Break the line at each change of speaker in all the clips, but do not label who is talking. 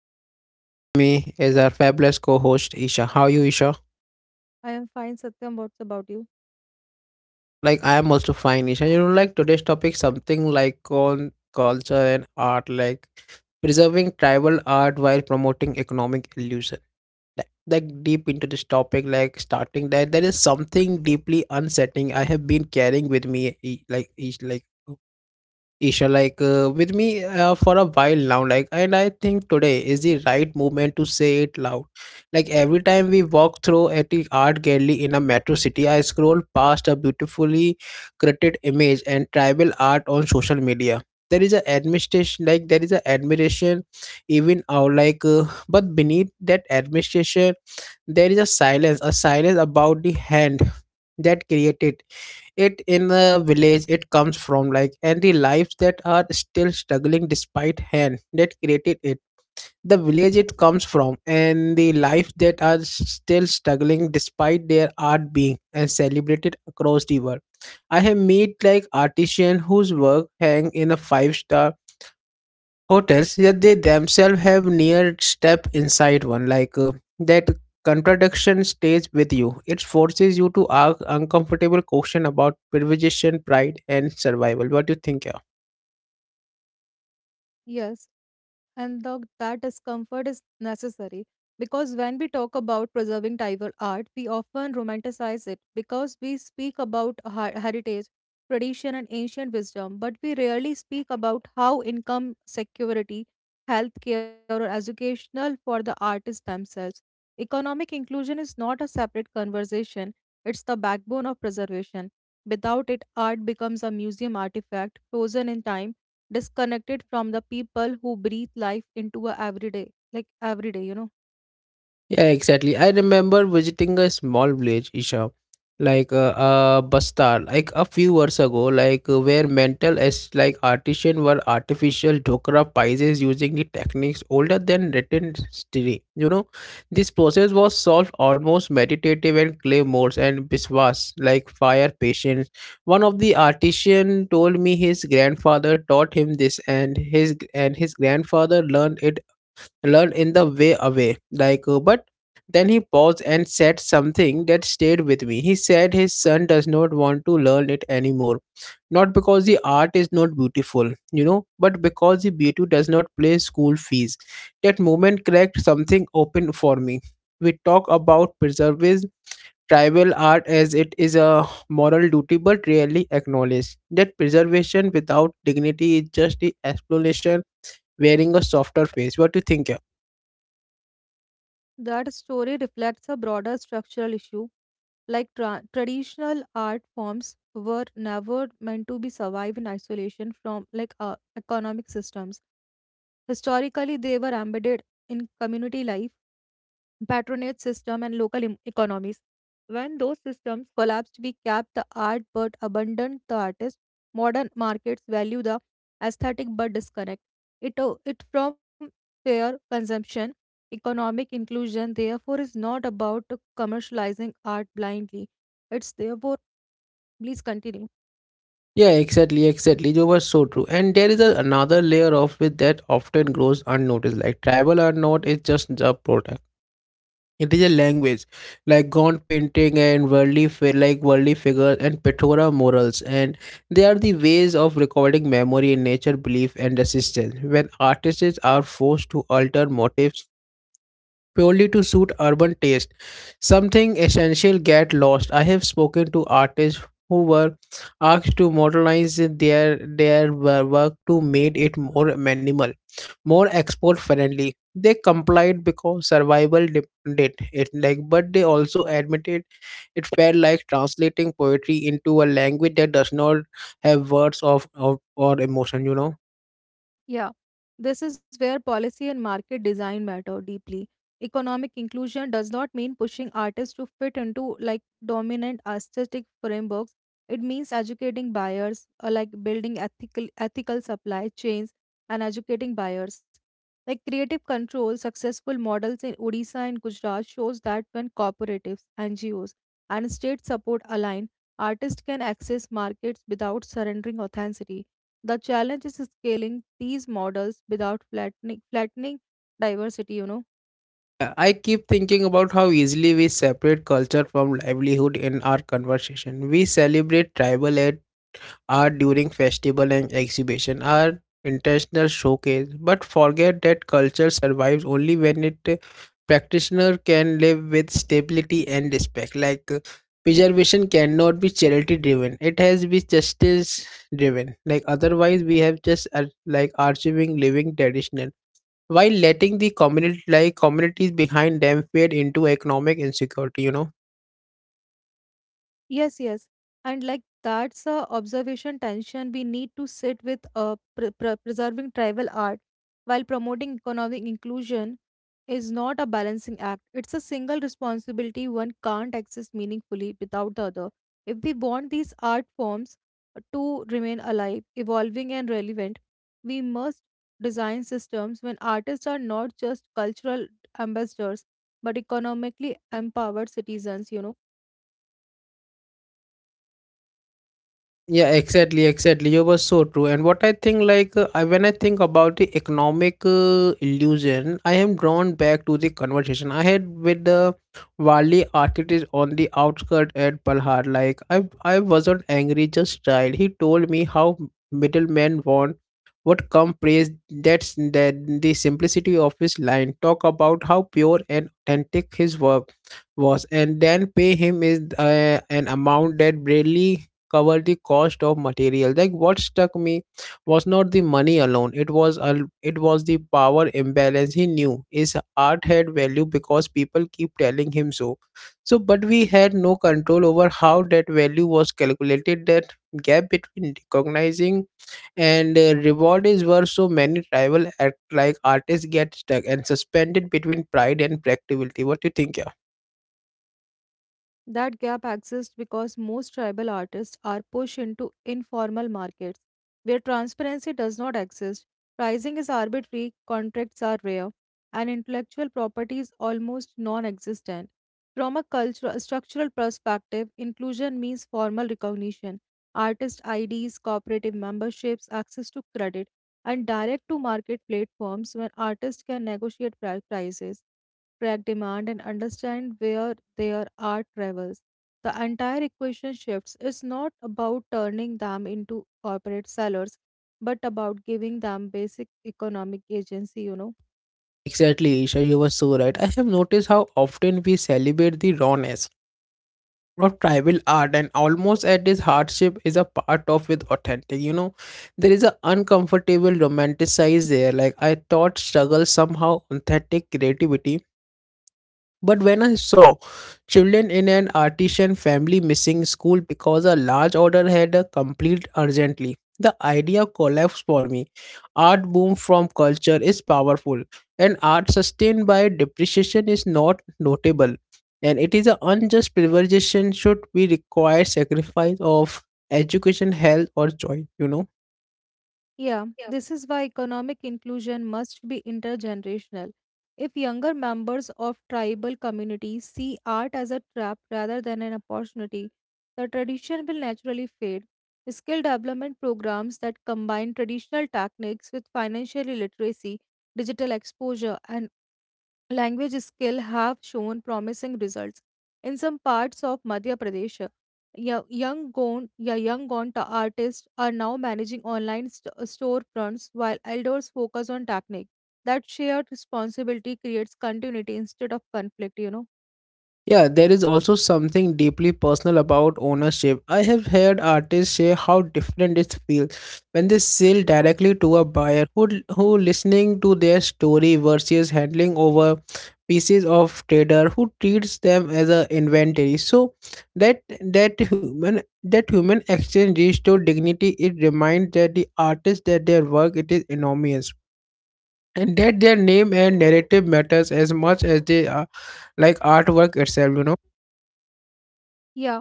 Satyam and with me is our fabulous co-host Isha. How are you, Isha?
I am fine, Satyam. What's about you?
Like I am also fine, Isha. Today's topic something like on culture and art, like preserving tribal art while promoting economic illusion. Like deep into this topic, like starting that there is something deeply unsettling I have been carrying with me e- like each like Isha, like with me for a while now, like, and I think today is the right moment to say it loud. Like every time we walk through at the art gallery in a metro city, I scroll past a beautifully created image and tribal art on social media. There is a administration, like there is a admiration, even our but beneath that administration, there is a silence about the hand that created it in the village it comes from, like, and the lives that are still struggling despite hand that created it, the village it comes from and the life that are still struggling despite their art being and celebrated across the world. I have met like artisan whose work hang in a five-star hotels, yet they themselves have near step inside one, that contradiction stays with you. It forces you to ask uncomfortable question about privilege, pride and survival. What do you think?
Yes, and that discomfort is necessary because when we talk about preserving Tiger art, we often romanticize it because we speak about heritage, tradition, and ancient wisdom, but we rarely speak about how income security, healthcare, or educational for the artists themselves. Economic inclusion is not a separate conversation, it's the backbone of preservation. Without it, art becomes a museum artifact frozen in time disconnected from the people who breathe life into a everyday like every day you know
Yeah, exactly. I remember visiting a small village, Isha, like Bastar, like a few years ago, like where mental as like artisan were artificial dhokra pies using the techniques older than written history. You know, this process was solved almost meditative and claymores and biswas, like fire patience. One of the artisan told me his grandfather taught him this, and his grandfather learned it learn in the way away, but then he paused and said something that stayed with me. He said his son does not want to learn it anymore, not because the art is not beautiful, you know, but because the beauty does not pay school fees. That moment cracked something open for me. We talk about preserving tribal art as it is a moral duty, but rarely acknowledge that preservation without dignity is just the explanation wearing a softer face. What do you think, yeah?
That story reflects a broader structural issue like traditional art forms were never meant to be survive in isolation from like economic systems historically they were embedded in community life, patronage system, and local economies. When those systems collapsed, we kept the art but abandoned the artist. Modern markets value the aesthetic but disconnect it from fair consumption. Economic inclusion, therefore, is not about commercializing art blindly. It's therefore, please continue.
Yeah, exactly. You were so true. And there is a, another layer of it that often grows unnoticed. Like tribal or not, it's just a product. It is a language, like gaunt painting and worldly fi- like worldly figures and Petora morals, and they are the ways of recording memory in nature, belief, and resistance. When artists are forced to alter motifs purely to suit urban taste. Something essential get lost. I have spoken to artists who were asked to modernize their work to make it more minimal, more export friendly. They complied because survival depended it, like, but they also admitted it felt like translating poetry into a language that does not have words of or emotion, you know.
Yeah, this is where policy and market design matter deeply. Economic inclusion does not mean pushing artists to fit into like dominant aesthetic frameworks. It means educating buyers, or like building ethical supply chains and educating buyers. Like creative control, successful models in Odisha and Gujarat shows that when cooperatives, NGOs, and state support align, artists can access markets without surrendering authenticity. The challenge is scaling these models without flattening diversity, you know.
I keep thinking about how easily we separate culture from livelihood in our conversation. We celebrate art during festival and exhibition, our international showcase, but forget that culture survives only when it practitioner can live with stability and respect. Preservation cannot be charity driven; it has to be justice driven. Like otherwise, we have just like archiving living traditional while letting the community like communities behind them fade into economic insecurity, you know.
Yes, yes. And like that's a observation tension we need to sit with preserving tribal art while promoting economic inclusion is not a balancing act. It's a single responsibility one can't access meaningfully without the other. If we want these art forms to remain alive, evolving, and relevant, we must design systems when artists are not just cultural ambassadors but economically empowered citizens, you know.
Yeah, exactly, you were so true. And what I think, when I think about the economic illusion, I am drawn back to the conversation I had with the wali architect on the outskirts at palhar. Like I wasn't angry, just tired. He told me how middlemen want what come praise, that's that the simplicity of his line talk about how pure and authentic his work was, and then pay him is an amount that barely cover the cost of material. Like what struck me was not the money alone, it was the power imbalance. He knew his art had value because people keep telling him so, but we had no control over how that value was calculated. That gap between recognizing and reward is where so many rival act like artists get stuck and suspended between pride and practicality. What do you think, yeah?
That gap exists because most tribal artists are pushed into informal markets where transparency does not exist, pricing is arbitrary, contracts are rare, and intellectual property is almost non existent. From a cultural structural perspective, inclusion means formal recognition, artist IDs, cooperative memberships, access to credit, and direct to market platforms when artists can negotiate prices, track demand, and understand where there are travels. The entire equation shifts. It's not about turning them into corporate sellers, but about giving them basic economic agency, you know.
Exactly, Isha, you were so right. I have noticed how often we celebrate the rawness of tribal art and almost at its hardship is a part of with authentic. You know, there is a uncomfortable romanticize there. Like I thought struggle somehow authentic creativity, but when I saw children in an artisan family missing school because a large order had a complete urgently, the idea collapsed for me. Art boom from culture is powerful, and art sustained by depreciation is not notable. And it is an unjust privilege should we require sacrifice of education, health, or joy, you know.
Yeah, this is why economic inclusion must be intergenerational. If younger members of tribal communities see art as a trap rather than an opportunity, the tradition will naturally fade. Skill development programs that combine traditional techniques with financial literacy, digital exposure, and language skill have shown promising results. In some parts of Madhya Pradesh, young gone artists are now managing online storefronts while elders focus on technique. That shared responsibility creates continuity instead of conflict, you know.
Yeah, there is also something deeply personal about ownership. I have heard artists share how different it feels when they sell directly to a buyer who listening to their story versus handling over pieces of trader who treats them as a inventory. So that that human exchange restore dignity. It reminds that the artist that their work it is enormous, and that their name and narrative matters as much as they are like artwork itself, you know.
Yeah,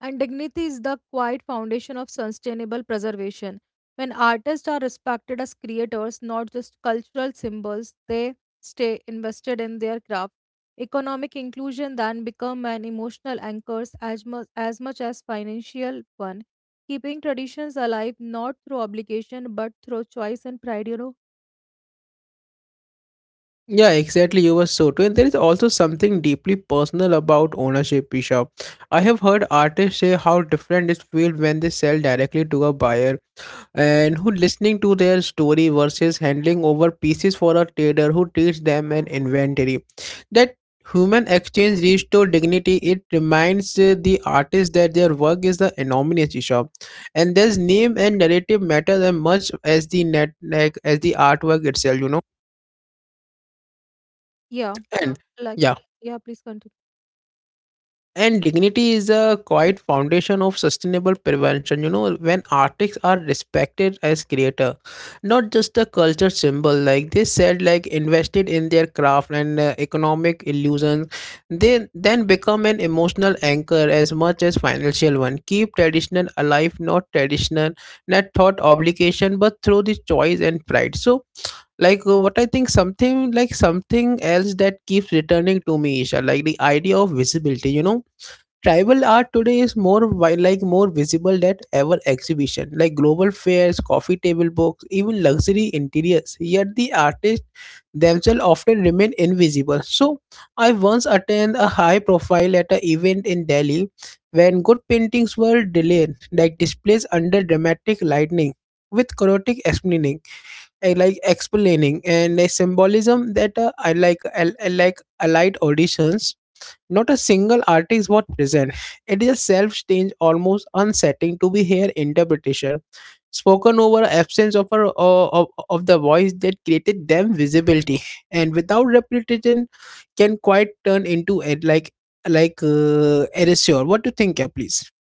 and dignity is the quiet foundation of sustainable preservation. When artists are respected as creators, not just cultural symbols, they stay invested in their craft. Economic inclusion then become an emotional anchor as much as financial one, keeping traditions alive not through obligation but through choice and pride. You know,
Yeah, exactly. You were so true. And there is also something deeply personal about ownership, Isha. I have heard artists say how different it feels when they sell directly to a buyer and who listening to their story versus handling over pieces for a trader who treats them an inventory. That human exchange restores dignity. It reminds the artist that their work is the anonymous, Isha. And there's name and narrative matters as much as the net like as the artwork itself, you know.
yeah,
And
like
yeah,
yeah, please continue.
and dignity is a quite foundation of sustainable prevention, you know, when artists are respected as creator, not just a culture symbol, like they said, like invested in their craft, and economic illusions, they then become an emotional anchor as much as financial one, keep traditional alive, not traditional not thought obligation but through the choice and pride. So what I think, something like something else that keeps returning to me, Isha, like the idea of visibility, you know. Tribal art today is more wi- like more visible than ever, exhibition, like global fairs, coffee table books, even luxury interiors, yet the artists themselves often remain invisible. So I once attended a high profile at an event in Delhi when good paintings were delayed, like displays under dramatic lightning with chaotic explaining. I like Explaining and a symbolism that I like I like allied auditions, not a single artist was present. It is a self-strange, almost unsettling to be here interpretation spoken over absence of the voice that created them. Visibility and without repetition can quite turn into it, erasure. What do you think, yeah, please?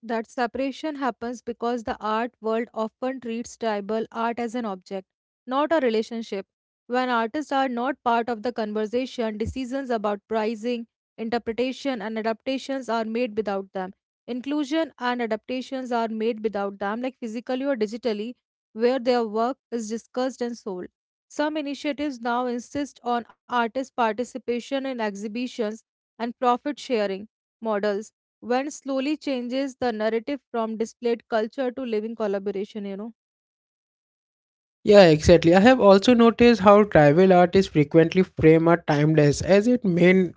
That separation happens because the art world often treats tribal art as an object, not a relationship. When artists are not part of the conversation, decisions about pricing, interpretation, and adaptations are made without them. Inclusion and adaptations are made without them, like physically or digitally, where their work is discussed and sold. Some initiatives now insist on artist participation in exhibitions and profit sharing models when slowly changes the narrative from displayed culture to living collaboration, you know.
Yeah, exactly. I have also noticed how tribal artists frequently frame a timeless as its main.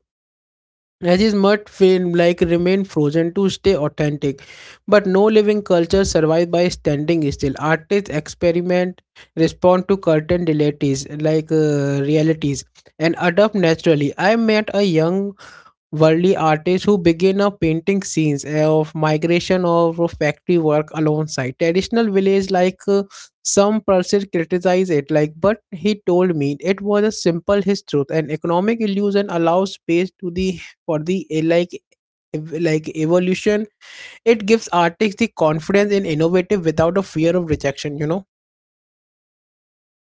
As mud film like remain frozen to stay authentic, but no living culture survives by standing still. Artists experiment, respond to current realities, realities, and adapt naturally. I met a young worldly artists who begin a painting scenes of migration or of factory work alongside traditional village, some person criticize it, like, but he told me it was a simple his truth, and economic illusion allows space to the for the evolution. It gives artists the confidence in innovative without a fear of rejection, you know.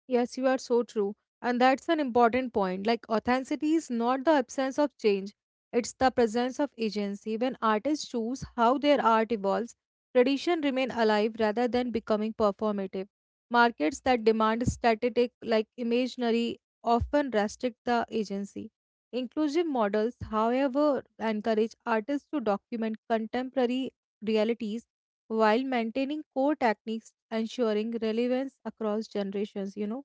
Yes, you are so true. And that's an important point, like authenticity is not the absence of change, it's the presence of agency. When artists choose how their art evolves, tradition remain alive rather than becoming performative. Markets that demand static like imaginary often restrict the agency. Inclusive models however encourage artists to document contemporary realities while maintaining core techniques, ensuring relevance across generations, you know.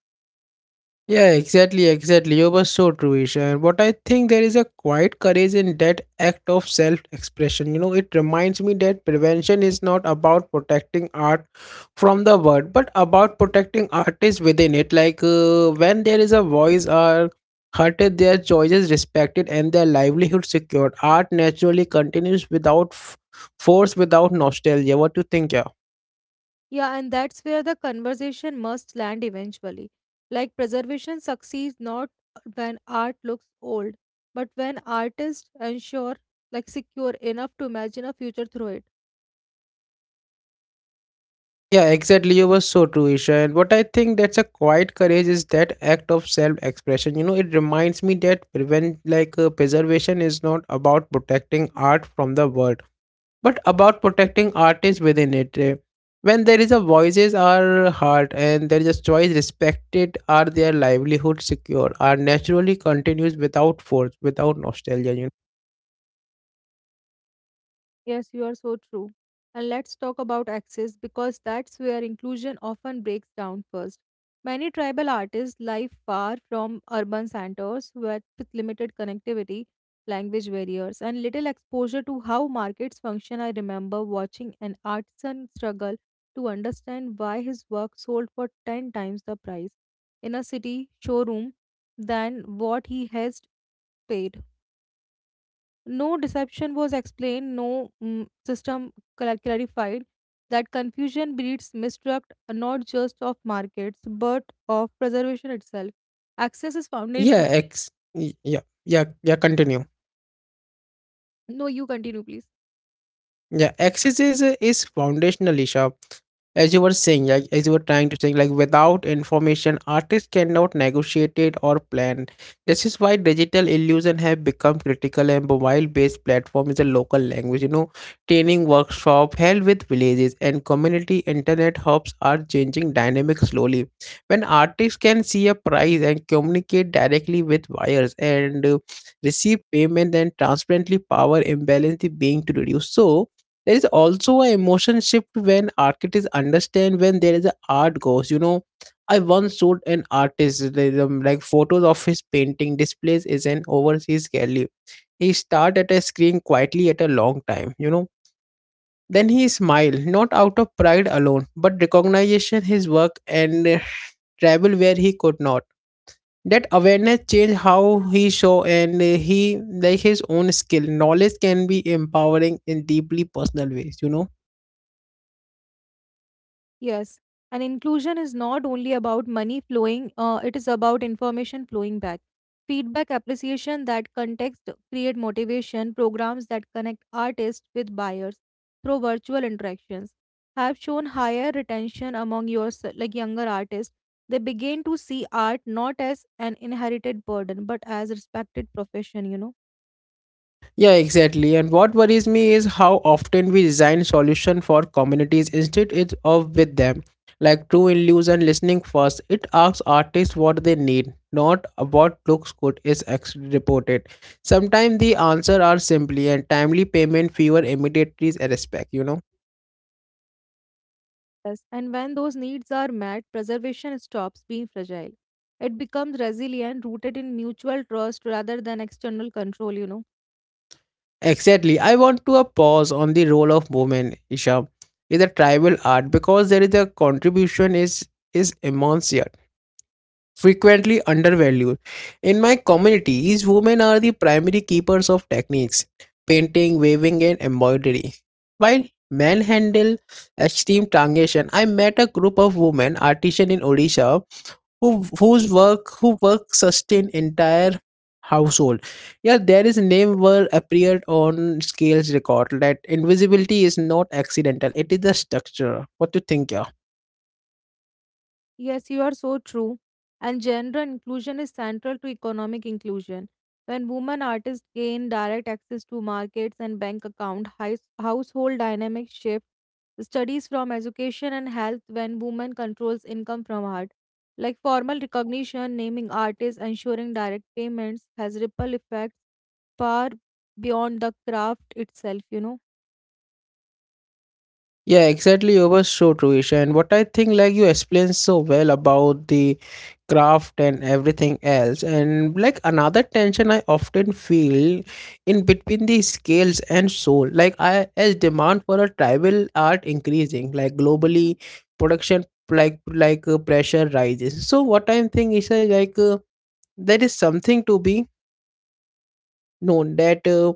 Yeah, exactly. You were so true, Isha. And what I think, there is a quiet courage in that act of self expression. You know, it reminds me that prevention is not about protecting art from the world, but about protecting artists within it. When there is a voice are hurted, their choices respected, and their livelihood secured, art naturally continues without force, without nostalgia. What do you think, yeah?
Yeah, and that's where the conversation must land eventually. Like preservation succeeds not when art looks old, but when artists ensure like secure enough to imagine a future through it.
Yeah, exactly. You were so true, Isha. And what I think that's a quiet courage is that act of self-expression. You know, it reminds me that prevent like preservation is not about protecting art from the world, but about protecting artists within it. When there is a voices are heard and there is a choice respected, are their livelihood secure? Are naturally continues without force, without nostalgia, you know?
Yes, you are so true. And let's talk about access because that's where inclusion often breaks down first. Many tribal artists live far from urban centers with limited connectivity, language barriers, and little exposure to how markets function. I remember watching an artisan struggle to understand why his work sold for 10 times the price in a city showroom than what he has paid. No deception was explained, no system clarified. That confusion breeds mistrust not just of markets but of preservation itself. Access is
Yeah.
foundational.
Ex. Yeah. Yeah. Yeah. Continue.
No, you continue, please.
Yeah, exercise is foundational, Isha. As you were saying, like as you were trying to say, like without information, artists cannot negotiate it or plan. This is why digital illusion have become critical and mobile-based platform is a local language. Training workshop held with villages and community internet hubs are changing dynamic slowly. When artists can see a price and communicate directly with buyers and receive payment and transparently power imbalance is being to reduce. So there is also a emotion shift when artists understand when there is a art goes. I once showed an artist like photos of his painting displays is an overseas gallery. He stared at a screen quietly at a long time. Then he smiled not out of pride alone but recognition his work and travel where he could not. That awareness changed how he show and he like his own skill knowledge can be empowering in deeply personal ways.
Yes, and inclusion is not only about money flowing, it is about information flowing back. Feedback, appreciation, that context create motivation. Programs that connect artists with buyers through virtual interactions have shown higher retention among like younger artists. They begin to see art not as an inherited burden but as respected profession, you know.
Yeah, exactly. And what worries me is how often we design solution for communities instead of with them. Like True Illusion Listening First, it asks artists what they need, not what looks good is actually reported. Sometimes the answer are simply and timely payment, fewer immediate respect.
Yes, and when those needs are met, preservation stops being fragile. It becomes resilient, rooted in mutual trust rather than external control, you know.
Exactly. I want to a pause on the role of women, Isha, in the tribal art because there is a contribution is immense. Frequently undervalued. In my communities, women are the primary keepers of techniques, painting, weaving, and embroidery. While men handle extreme transition, I met a group of women artisans in Odisha whose work sustain entire household. Yeah, there is name were appeared on scales record that invisibility is not accidental. It is the structure. What do you think? Yeah.
Yes, you are so true. And gender inclusion is central to economic inclusion. When women artists gain direct access to markets and bank account, household dynamics shift. Studies from education and health when women controls income from art, like formal recognition, naming artists, ensuring direct payments, has ripple effects far beyond the craft itself. You know.
Yeah, exactly. You were so true, Isha. And what I think, like you explained so well about the craft and everything else. And like another tension I often feel in between the scales and soul. Like I as demand for a tribal art increasing, like globally, production pressure rises. So what I'm thinking is like there is something to be known that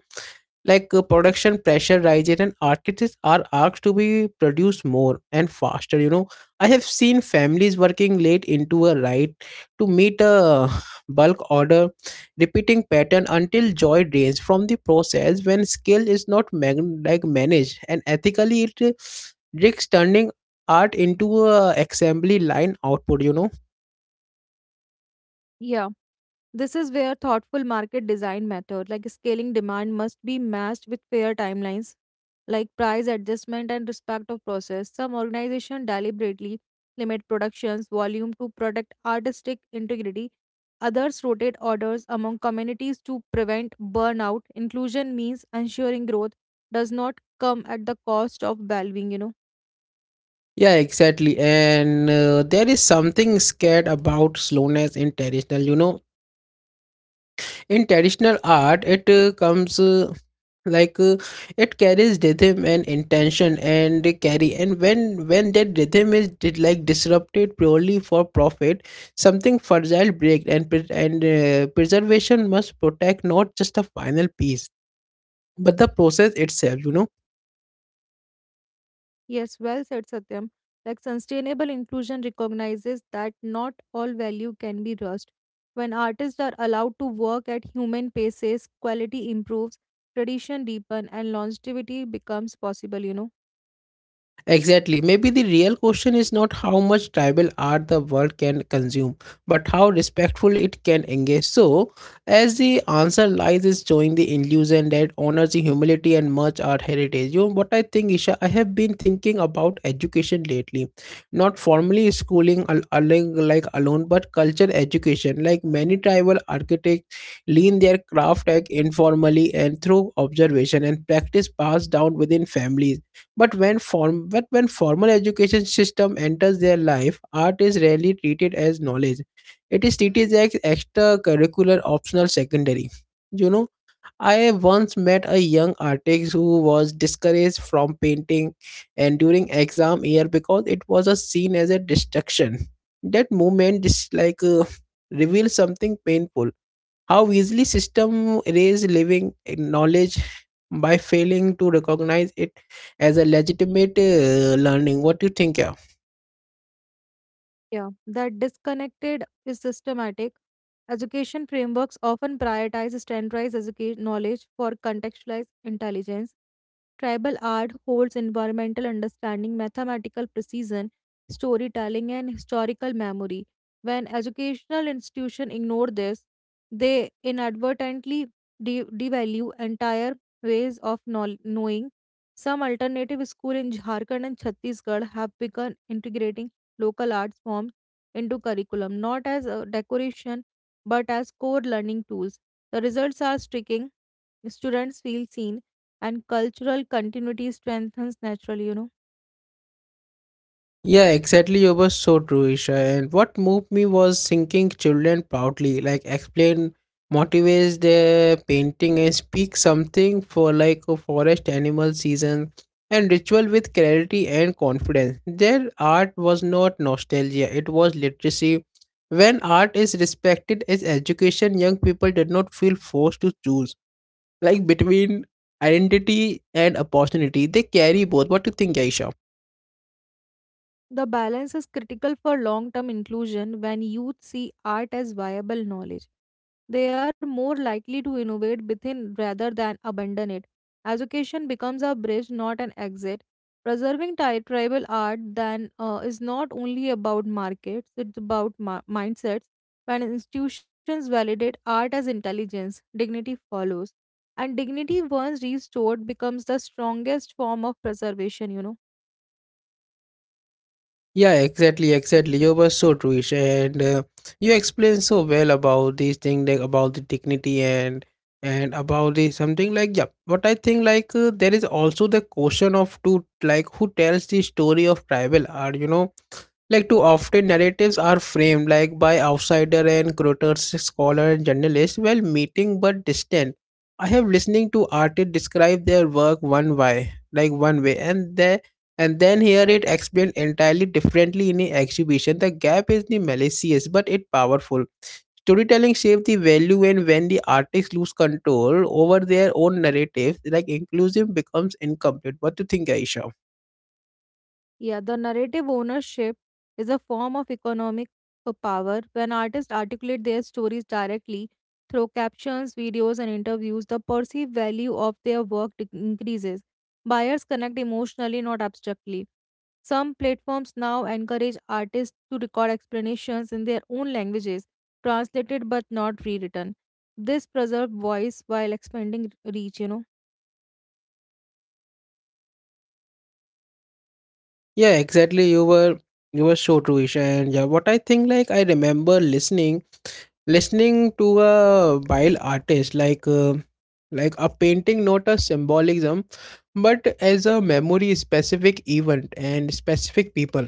like production pressure rises and architects are asked to be produced more and faster. I have seen families working late into a night to meet a bulk order repeating pattern until joy drains from the process when skill is not like managed and ethically it risks turning art into a assembly line output.
Yeah. This is where thoughtful market design mattered, like scaling demand must be matched with fair timelines, like price adjustment and respect of process. Some organizations deliberately limit production's volume to protect artistic integrity. Others rotate orders among communities to prevent burnout. Inclusion means ensuring growth does not come at the cost of well-being, you know.
Yeah, exactly. And there is something scared about slowness in traditional. You know, in traditional art, it comes like it carries rhythm and intention, and they carry. And when that rhythm is did, like disrupted purely for profit, something fragile breaks, and preservation must protect not just a final piece, but the process itself. You know.
Yes, well said, Satyam. Like sustainable inclusion recognizes that not all value can be rushed. When artists are allowed to work at human paces, quality improves, tradition deepen, and longevity becomes possible, you know.
Exactly. Maybe the real question is not how much tribal art the world can consume, but how respectful it can engage. So, as the answer lies is showing the illusion that honors the humility and much art heritage. You know what I think, Isha? I have been thinking about education lately. Not formally schooling alone, but culture education. Like many tribal architects lean their craft act informally and through observation and practice passed down within families but when formal education system enters their life, art is rarely treated as knowledge. It is treated as extracurricular optional secondary. You know, I once met a young artist who was discouraged from painting and during exam year because it was a seen as a distraction. That moment just like reveals something painful how easily system erase living knowledge by failing to recognize it as a legitimate learning. What do you think? Yeah.
Yeah. That disconnected is systematic. Education frameworks often prioritize standardized education knowledge for contextualized intelligence. Tribal art holds environmental understanding, mathematical precision, storytelling, and historical memory. When educational institutions ignore this, they inadvertently devalue entire ways of knowing. Some alternative schools in Jharkhand and Chhattisgarh have begun integrating local arts forms into curriculum, not as a decoration but as core learning tools. The results are striking. Students feel seen and cultural continuity strengthens naturally, you know.
Yeah, exactly. You were so true, Isha. And what moved me was thinking children proudly, like explain, motivates their painting, and speak something for like a forest animal season and ritual with clarity and confidence. Their art was not nostalgia; it was literacy. When art is respected as education, young people did not feel forced to choose, like between identity and opportunity. They carry both. What do you think, Aisha?
The balance is critical for long term inclusion when youth see art as viable knowledge. They are more likely to innovate within rather than abandon it. Education becomes a bridge, not an exit. Preserving tribal art then is not only about markets, it's about mindsets. When institutions validate art as intelligence, dignity follows. And dignity, once restored, becomes the strongest form of preservation, you know.
Yeah, exactly, exactly. You were so true, Isha, and you explained so well about these thing, like about the dignity and about the something like yeah. But I think like there is also the question of to like who tells the story of tribal art. You know, like too often narratives are framed like by outsider and curators, scholar and journalists, well meeting but distant. I have listening to artists describe their work one way, like one way, and then here it explained entirely differently in the exhibition. The gap is the malicious but it powerful. Storytelling shapes the value and when the artists lose control over their own narratives, like inclusive becomes incomplete. What do you think, Aisha?
Yeah, the narrative ownership is a form of economic power when artists articulate their stories directly through captions, videos, and interviews. The perceived value of their work increases. Buyers connect emotionally, not abstractly. Some platforms now encourage artists to record explanations in their own languages, translated but not rewritten. This preserves voice while expanding reach, you know.
Yeah, exactly. You were so true, Isha. And yeah, what I think like I remember listening to a wild artist like a painting not a symbolism but as a memory specific event and specific people.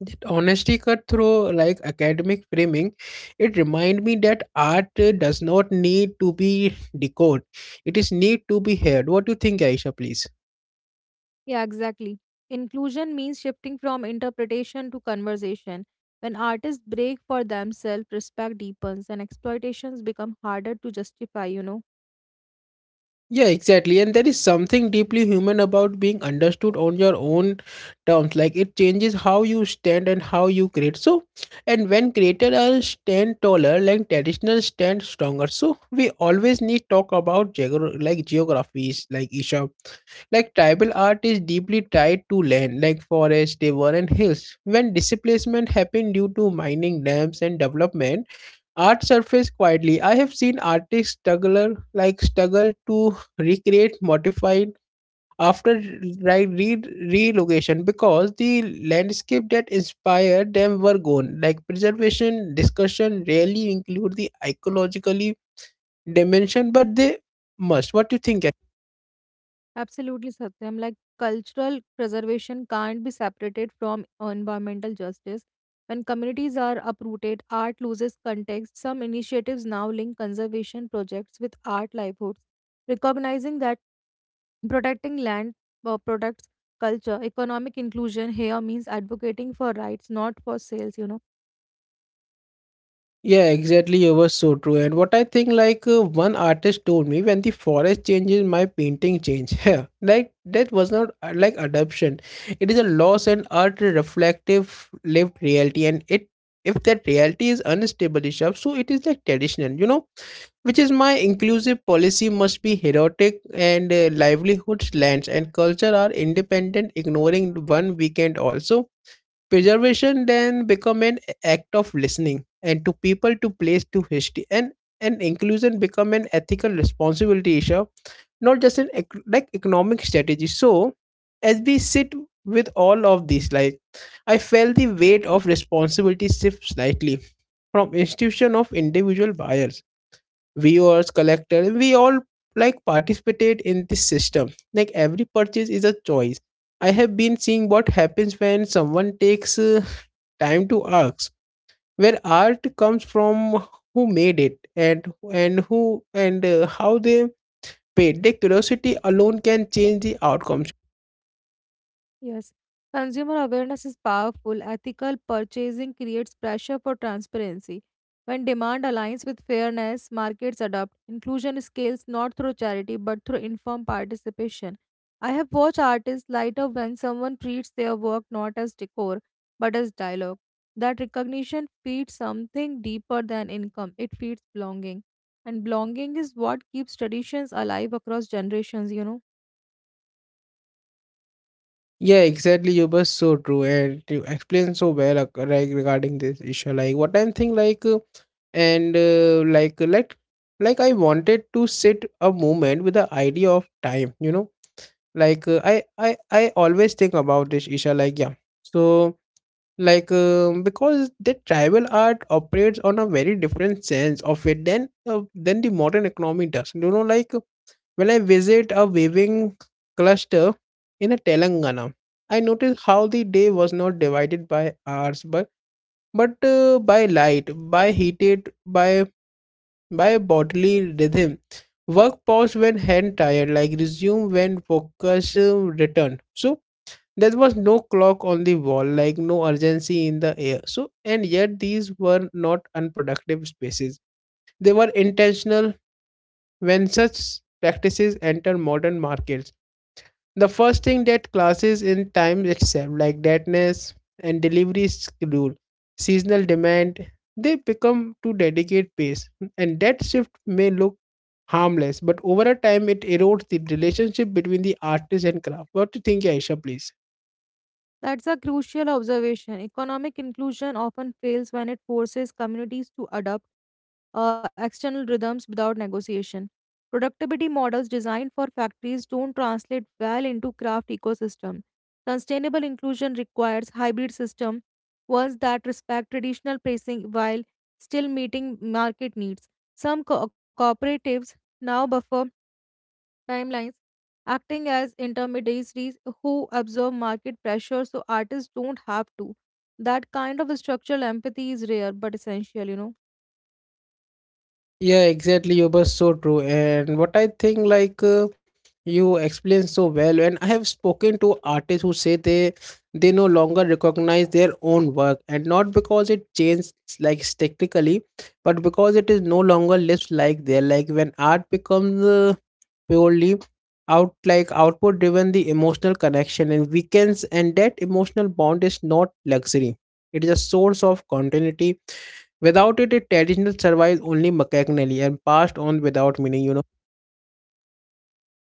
That honesty cut through like academic framing. It remind me that art does not need to be decoded, it is need to be heard. What do you think, Aisha, please?
Yeah, exactly. Inclusion means shifting from interpretation to conversation. When artists break for themselves, respect deepens and exploitations become harder to justify, you know.
Yeah, exactly. And there is something deeply human about being understood on your own terms. Like it changes how you stand and how you create. So, and when creators are stand taller, like traditional stand stronger. So we always need talk about like geographies, like Isha. Like tribal art is deeply tied to land, like forest, river, and hills. When displacement happened due to mining, dams, and development, art surfaced quietly. I have seen artists struggle to recreate modified after like re- relocation because the landscape that inspired them were gone. Like preservation discussion rarely include the ecologically dimension, but they must. What do you think?
Absolutely, Satyam. Like cultural preservation can't be separated from environmental justice. When communities are uprooted, art loses context. Some initiatives now link conservation projects with art livelihoods, recognizing that protecting land protects culture. Economic inclusion here means advocating for rights, not for sales, you know.
Yeah, exactly. You were so true. And what I think, like one artist told me, when the forest changes, my painting change. Yeah, like that was not like adoption. It is a loss and art reflective lived reality. And it, if that reality is unstable, enough, so it is like traditional. You know, which is my inclusive policy must be heroic and livelihoods lands and culture are independent ignoring one weekend also preservation then become an act of listening and to people to place to history and inclusion become an ethical responsibility issue, not just an like economic strategy. So as we sit with all of these like I felt the weight of responsibility shift slightly from institution of individual buyers viewers collectors we all like participate in this system, like every purchase is a choice. I have been seeing what happens when someone takes time to ask where art comes from, who made it, and who and how they paid. The curiosity alone can change the outcomes.
Yes. Consumer awareness is powerful. Ethical purchasing creates pressure for transparency. When demand aligns with fairness, markets adopt. Inclusion scales not through charity but through informed participation. I have watched artists light up when someone treats their work not as decor but as dialogue. That recognition feeds something deeper than income, it feeds belonging. And belonging is what keeps traditions alive across generations, you know.
Yeah, exactly. You were so true, and you explained so well like, regarding this issue. Like what I'm thinking, like and like let like I wanted to sit a moment with the idea of time. You know, like I always think about this, Isha. Like yeah, so like because the tribal art operates on a very different sense of it than the modern economy does. You know, like when I visit a weaving cluster in a Telangana, I notice how the day was not divided by hours but by light by heated by bodily rhythm. Work paused when hand tired, like resume when focus returned. So there was no clock on the wall, like no urgency in the air. So and yet these were not unproductive spaces, they were intentional. When such practices enter modern markets, the first thing that classes in time itself like deadness and delivery schedule seasonal demand they become to dedicate pace. And that shift may look harmless, but over a time it erodes the relationship between the artist and craft. What do you think, Aisha, please?
That's a crucial observation. Economic inclusion often fails when it forces communities to adopt external rhythms without negotiation. Productivity models designed for factories don't translate well into craft ecosystem. Sustainable inclusion requires hybrid system, ones that respect traditional pricing while still meeting market needs. Some cooperatives now buffer timelines, acting as intermediaries who absorb market pressure so artists don't have to. That kind of structural empathy is rare but essential, you know.
Yeah, exactly. You were so true. And what I think, like you explained so well, and I have spoken to artists who say they no longer recognize their own work, and not because it changed like technically, but because it is no longer lives like there. Like when art becomes purely output driven the emotional connection and weakens, and that emotional bond is not luxury, it is a source of continuity. Without it a traditional survives only mechanically and passed on without meaning.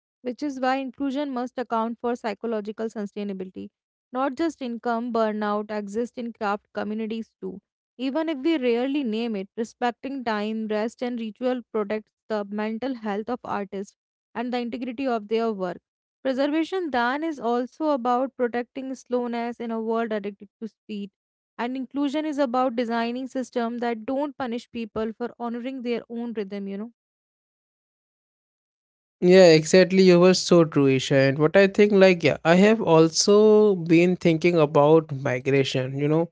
Which is why inclusion must account for psychological sustainability. Not just income, burnout exists in craft communities too. Even if we rarely name it, respecting time, rest, and ritual protects the mental health of artists and the integrity of their work. Preservation then is also about protecting slowness in a world addicted to speed. And inclusion is about designing systems that don't punish people for honoring their own rhythm, you know.
Yeah, exactly. You were so true, Isha. And what I think, I have also been thinking about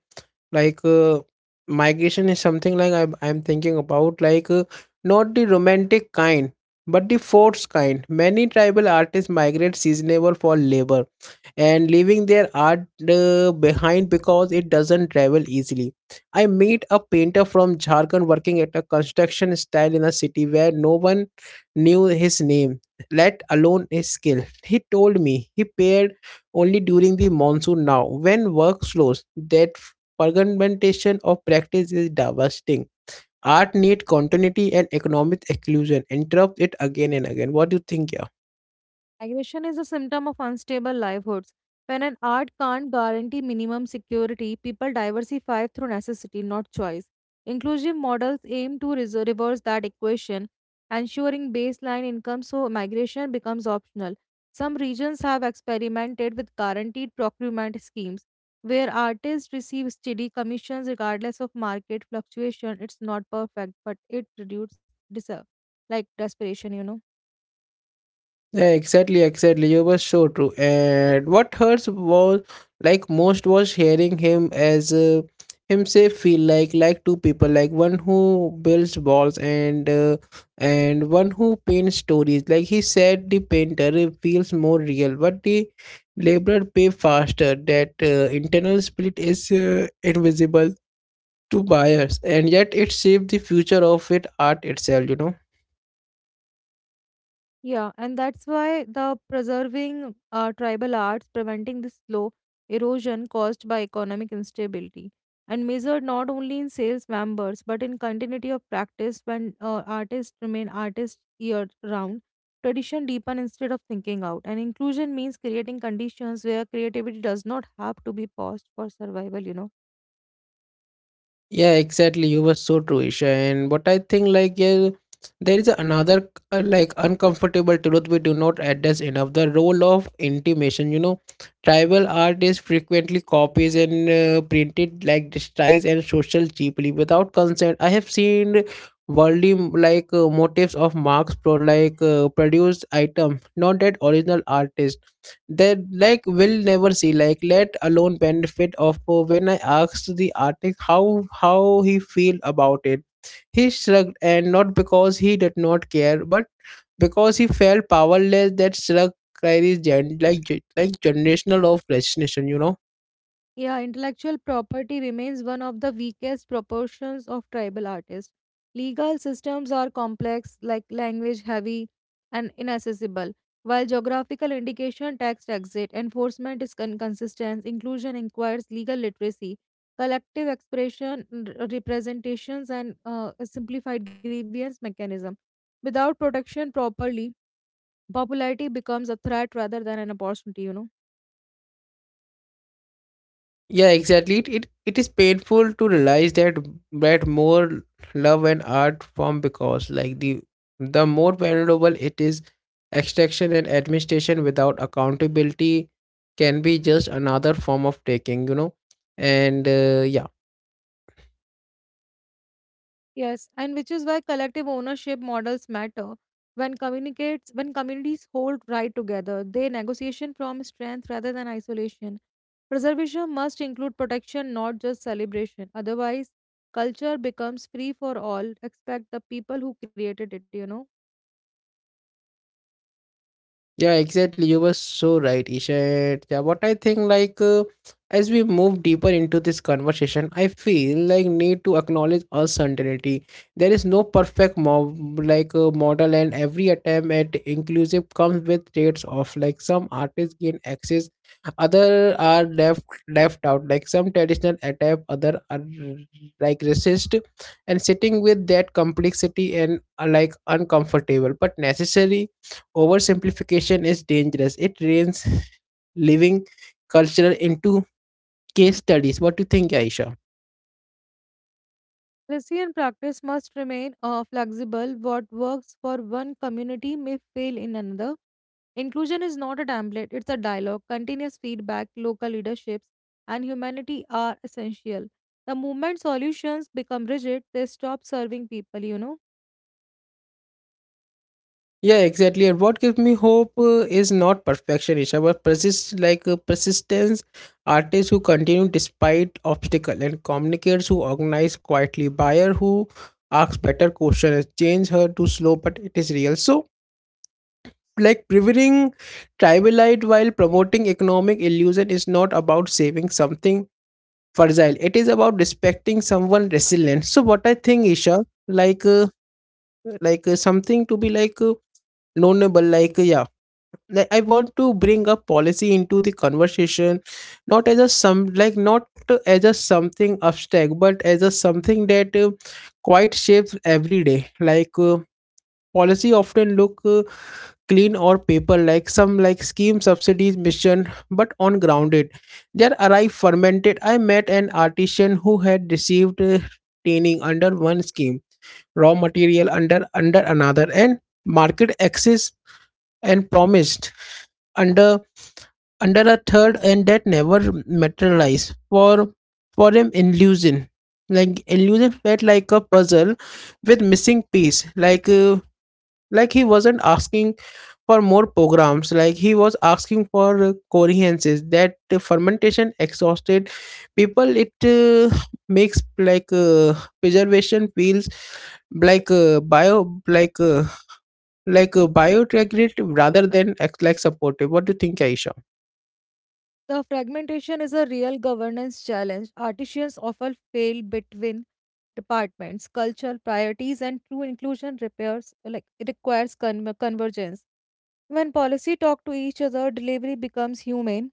like uh, migration is something like I'm thinking about, not the romantic kind, but the forced kind. Many tribal artists migrate seasonable for labor and leaving their art behind because it doesn't travel easily. I meet a painter from Jharkhand working at a construction style in a city where no one knew his name, let alone his skill. He told me he paired only during the monsoon now, when work slows. That fragmentation of practice is devastating. Art need continuity and economic exclusion. Interrupt it again and again. What do you think, yeah?
Migration is a symptom of unstable livelihoods. When an art can't guarantee minimum security, people diversify through necessity, not choice. Inclusive models aim to reverse that equation, ensuring baseline income so migration becomes optional. Some regions have experimented with guaranteed procurement schemes where artists receive steady commissions regardless of market fluctuation. It's not perfect, but it reduces like desperation, you know.
Yeah, exactly. You were so true. And what hurts was like most was hearing him as himself feel like two people, like one who builds walls and one who paints stories. Like he said, the painter feels more real, but the laborer pay faster. That internal split is invisible to buyers, and yet it shapes the future of it art itself. You know.
Yeah, and that's why the preserving tribal arts, preventing the slow erosion caused by economic instability, and measured not only in sales members but in continuity of practice when artists remain artists year round. Tradition deepen instead of thinking out, and inclusion means creating conditions where creativity does not have to be paused for survival, you know.
Yeah, exactly. You were so true, Isha. And what I think, there is another like uncomfortable truth we do not address enough: the role of intimation. You know, tribal art is frequently copies and printed like disguise and social cheaply without consent. I have seen worldly motifs of Marx produced item, not that original artist that like will never see, like let alone benefit of when I asked the artist how he feel about it, he shrugged, and not because he did not care but because he felt powerless. That shrug carries generational of resignation, you know.
Yeah, intellectual property remains one of the weakest proportions of tribal artists. Legal systems are complex, like language heavy and inaccessible, while geographical indication, tax exit, enforcement is inconsistent, inclusion requires legal literacy, collective expression, representations, and a simplified grievance mechanism. Without protection properly, popularity becomes a threat rather than an opportunity, you know.
Yeah, exactly. It is painful to realize that more love and art form because like the more valuable it is, extraction and administration without accountability can be just another form of taking, you know. And
Yes, and which is why collective ownership models matter. When communities hold right together, they negotiation from strength rather than isolation. Preservation must include protection, not just celebration. Otherwise, culture becomes free for all, except the people who created it, you know.
yeah, exactly. You were so right, Ishat. Yeah, what I think, as we move deeper into this conversation, I feel like need to acknowledge uncertainty. There is no perfect mob like model, and every attempt at inclusive comes with traits of like some artists gain access, other are left out. Like some traditional adapt, other are like resist, and sitting with that complexity and like uncomfortable but necessary oversimplification is dangerous. It drains living culture into case studies. What do you think, Aisha?
Policy and practice must remain flexible. What works for one community may fail in another. Inclusion is not a template, it's a dialogue. Continuous feedback, local leaderships, and humanity are essential. The moment solutions become rigid, they stop serving people, you know.
Yeah, exactly. And what gives me hope is not perfection, Isha, but persistence. Artists who continue despite obstacle, and communicators who organize quietly. Buyer who asks better questions. Change her too slow, but it is real. So, like preventing tribalite while promoting economic illusion is not about saving something fragile, it is about respecting someone resilient. So what I think, Isha, like uh, something to be knownable, like I want to bring up policy into the conversation, not as a some like not as a something abstract but as a something that quite shapes every day. like uh, Policy often look clean or paper like some like scheme subsidies mission, but on grounded their arrive fermented. I met an artisan who had received training under one scheme, raw material under another, and market access and promised under under a third, and that never materialized for him. Illusion like illusion felt like a puzzle with missing piece. like uh, like he wasn't asking for more programs, like he was asking for coherences. That fermentation exhausted people. It makes preservation feels like uh, bio like uh, biodegradable rather than supportive. What do you think, Aisha?
The fragmentation is a real governance challenge. Artisans often fail between departments, cultural priorities, and true inclusion repairs like it requires convergence. When policy talk to each other, delivery becomes human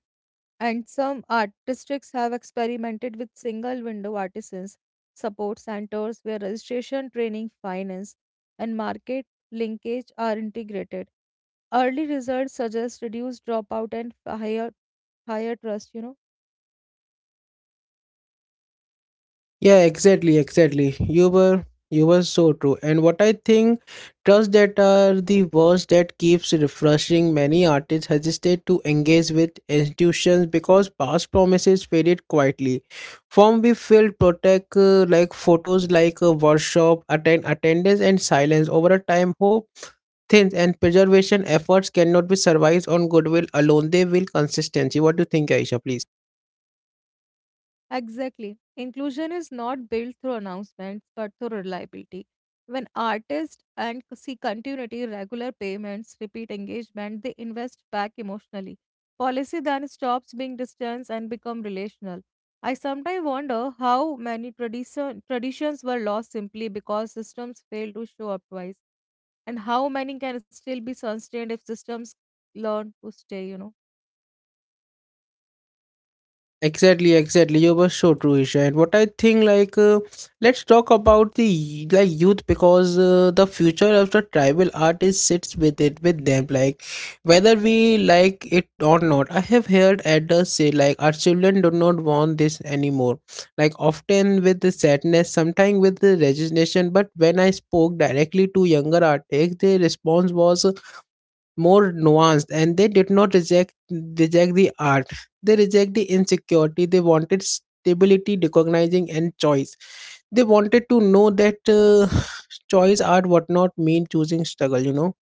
and some art districts have experimented with single window artisans support centers where registration training finance and market linkage are integrated early results suggest reduced dropout and higher trust, you know.
Yeah, exactly. You were so true. And what I think, trust that are the words that keeps refreshing. Many artists hesitate to engage with institutions because past promises faded quietly. Form we filled protect like photos like a workshop, attendance and silence over a time. Hope thins and preservation efforts cannot be survived on goodwill alone. They will consistency. What do you think, Aisha, please?
Exactly. Inclusion is not built through announcements but through reliability. When artists and see continuity, regular payments, repeat engagement, they invest back emotionally. Policy then stops being distance and become relational. I sometimes wonder how many traditions were lost simply because systems failed to show up twice, and how many can still be sustained if systems learn to stay, you know.
Exactly. You were so true, Isha. And what I think, let's talk about the youth because the future of the tribal art is sits with them. Like, whether we like it or not, I have heard elders say like our children do not want this anymore. Like, often with the sadness, sometimes with the resignation. But when I spoke directly to younger artists, their response was more nuanced, and they did not reject the art, they reject the insecurity. They wanted stability, recognizing and choice. They wanted to know that choice art would not mean choosing struggle, you know.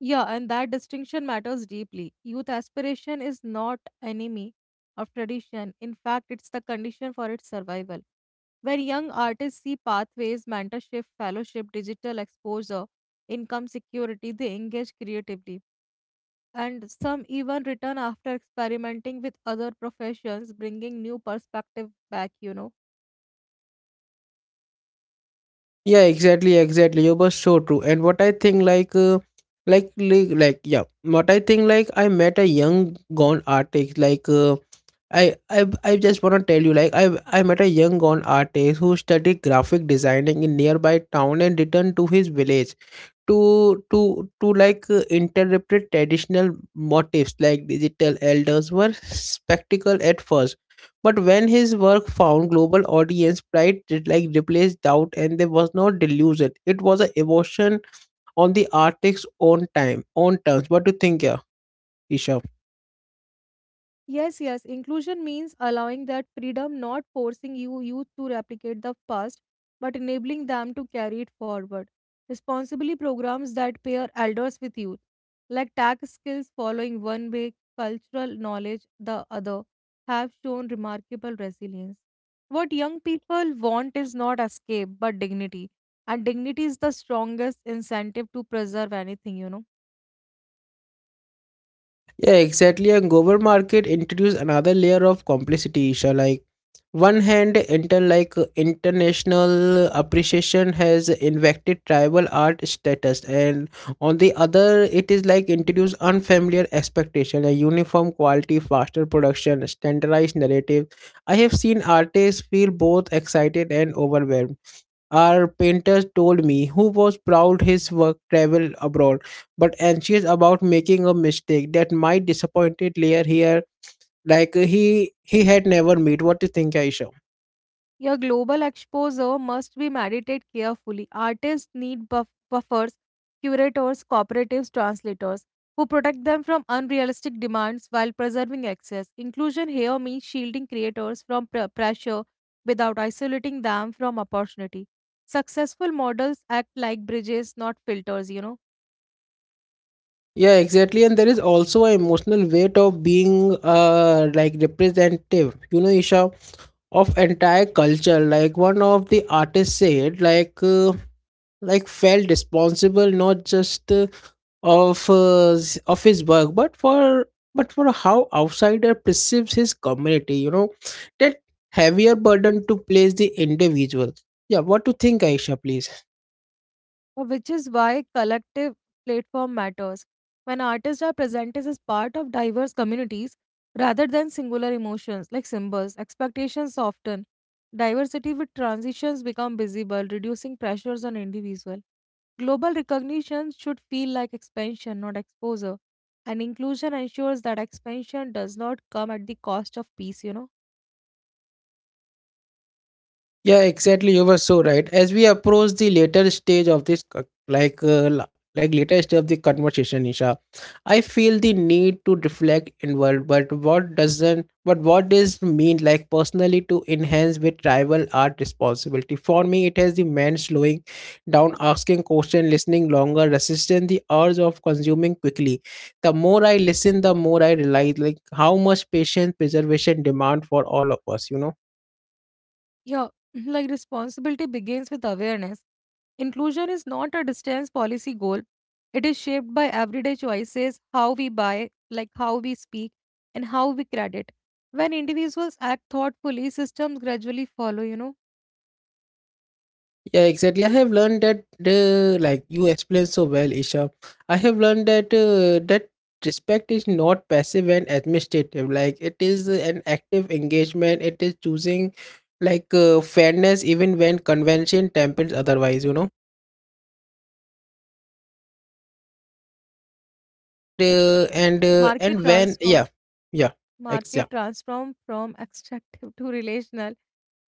Yeah, and that distinction matters deeply. Youth aspiration is not enemy of tradition. In fact, it's the condition for its survival. When young artists see pathways, mentorship, fellowship, digital exposure, income security, they engage creatively. And some even return after experimenting with other professions, bringing new perspective back, you know.
Yeah, exactly. You were so true. And what I think like yeah what I think like I met a young gone artist, like I just wanna tell you, like I met a young gone artist who studied graphic designing in nearby town and returned to his village to interpret traditional motifs like digital. Elders were spectacle at first, but when his work found global audience, pride did like replaced doubt, and there was no delusion. It was a emotion on the artist's own time, own terms. What do you think, yeah, Isha?
Yes, yes. Inclusion means allowing that freedom, not forcing you youth to replicate the past, but enabling them to carry it forward. Responsibly programs that pair elders with youth, like tech skills following one way, cultural knowledge the other, have shown remarkable resilience. What young people want is not escape, but dignity. And dignity is the strongest incentive to preserve anything, you know.
Yeah, exactly. And global market introduce another layer of complexity, Isha. Like one hand, international appreciation has infected tribal art status, and on the other, it is like introduce unfamiliar expectation, a uniform quality, faster production, standardized narrative. I have seen artists feel both excited and overwhelmed. Our painter told me, who was proud his work traveled abroad, but anxious about making a mistake that might disappointed layer here, like he had never met. What do you think, Aisha?
Your global exposure must be medited carefully. Artists need buffers, curators, cooperatives, translators who protect them from unrealistic demands while preserving access. Inclusion here means shielding creators from pressure without isolating them from opportunity. Successful models act like bridges, not filters, you know.
Yeah, exactly. And there is also an emotional weight of being like representative, you know, Isha, of entire culture. Like one of the artists said, like felt responsible not just of his work but for how outsider perceives his community, you know. That heavier burden to place the individual. Yeah, what to think, Aisha, please?
Which is why collective platform matters. When artists are presented as part of diverse communities rather than singular emotions like symbols, expectations soften. Diversity with transitions become visible, reducing pressures on individual. Global recognition should feel like expansion, not exposure. And inclusion ensures that expansion does not come at the cost of peace, you know.
Yeah, exactly. You were so right. As we approach the later stage of this, later stage of the conversation, Isha, I feel the need to reflect inward. But what doesn't? But what does mean like personally to enhance with tribal art responsibility? For me, it has the man slowing down, asking question, listening longer, resisting the urge of consuming quickly. The more I listen, the more I realize like how much patient preservation demand for all of us. You know.
Yeah, like responsibility begins with awareness. Inclusion is not a distance policy goal. It is shaped by everyday choices, how we buy, like how we speak, and how we credit. When individuals act thoughtfully, systems gradually follow, you know.
Yeah, exactly. I have learned that like you explained so well, Isha. I have learned that respect is not passive and administrative. Like it is an active engagement. It is choosing fairness even when convention tempers otherwise. You know.
Market
And when
transform
yeah yeah ex yeah.
Market transformed from extractive to relational.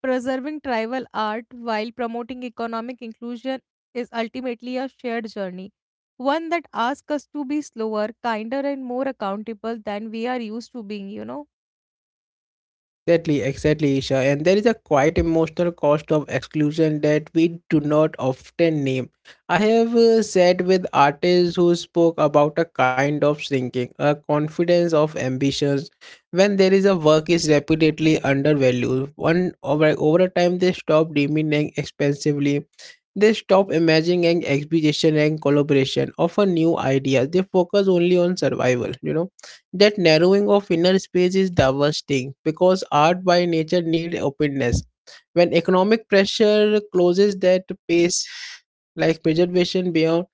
Preserving tribal art while promoting economic inclusion is ultimately a shared journey, one that asks us to be slower, kinder, and more accountable than we are used to being, you know.
Exactly, Isha. And there is a quite emotional cost of exclusion that we do not often name. I have sat with artists who spoke about a kind of sinking, a confidence of ambitions. When there is a work is repeatedly undervalued, over a time they stop demanding expensively. They stop imagining exhibition and collaboration of a new idea. They focus only on survival, you know. That narrowing of inner space is devastating because art by nature need openness. When economic pressure closes that space, like preservation beyond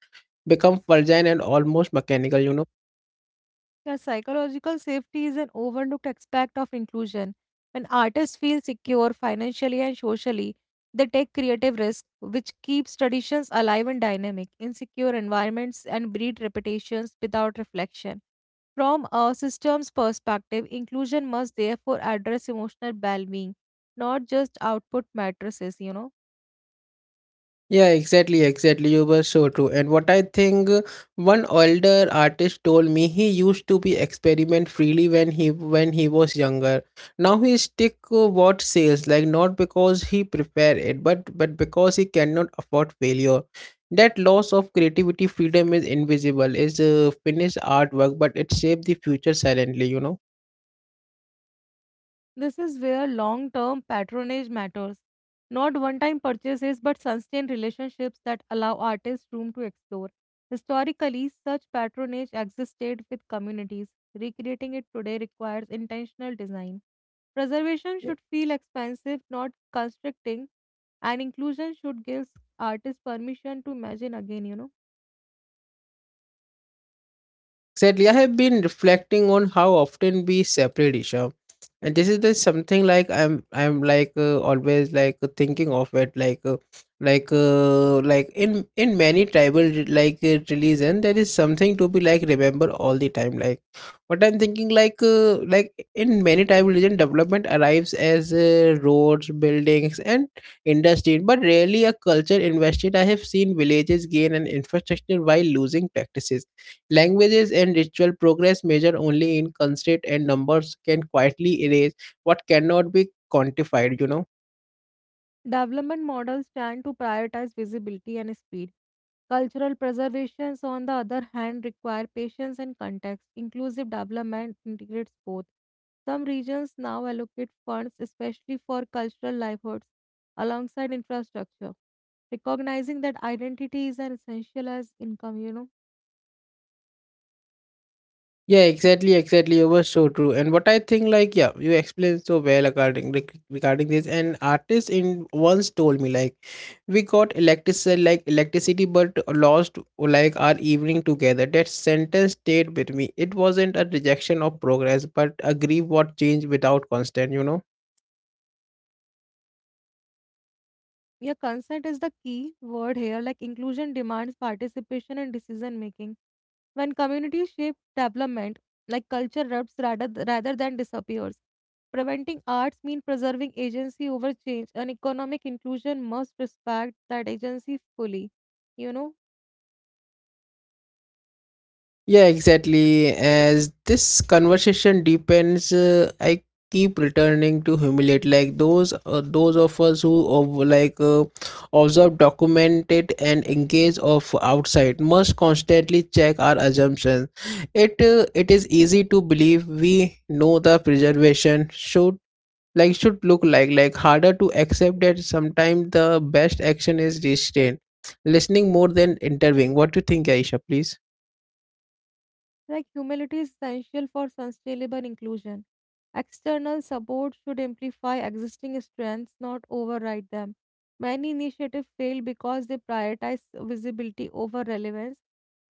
become fragile and almost mechanical, you know.
Yeah, psychological safety is an overlooked aspect of inclusion. When artists feel secure financially and socially, they take creative risk, which keeps traditions alive and dynamic. Insecure environments and breed reputations without reflection. From a systems perspective, inclusion must therefore address emotional well-being, not just output matrices, you know.
Yeah, exactly. You were so true. And what I think one older artist told me he used to be experiment freely when he was younger. Now he stick what sales, like not because he prepare it, but because he cannot afford failure. That loss of creativity freedom is invisible. Is finished artwork, but it shapes the future silently. You know.
This is where long term patronage matters. Not one time purchases, but sustained relationships that allow artists room to explore. Historically, such patronage existed with communities. Recreating it today requires intentional design. Preservation should feel expensive, not constricting, and inclusion should give artists permission to imagine again, you know.
Sadly, I have been reflecting on how often we separate, Isha, and this is the something like I'm always like thinking of it like in many tribal religion, there is something to be like remember all the time. Like what I'm thinking like in many tribal religion, development arrives as roads, buildings and industry, but rarely a culture invested. I have seen villages gain an infrastructure while losing practices, languages and ritual. Progress measured only in constant and numbers can quietly erase what cannot be quantified, you know.
Development models tend to prioritize visibility and speed. Cultural preservations, on the other hand, require patience and context. Inclusive development integrates both. Some regions now allocate funds especially for cultural livelihoods alongside infrastructure, recognizing that identity is an essential as income, you know.
Yeah, exactly. You were so true. And what I think, you explained so well regarding regarding this. And artist in once told me, like, we got electricity, like electricity, but lost like our evening together. That sentence stayed with me. It wasn't a rejection of progress, but a grief what changed without constant. You know.
Yeah, consent is the key word here. Like inclusion demands participation in decision making. When communities shape development, like culture erupts rather than disappears. Preventing arts means preserving agency over change, and economic inclusion must respect that agency fully, you know?
Yeah, exactly. As this conversation deepens, I keep returning to humiliate like those of us who observe, document it, and engage of outside must constantly check our assumptions. It is easy to believe we know the preservation should should look like harder to accept that sometimes the best action is restraint, listening more than intervening. What do you think, Aisha? Please.
Like humility is essential for sustainable inclusion. External support should amplify existing strengths, not override them. Many initiatives fail because they prioritize visibility over relevance.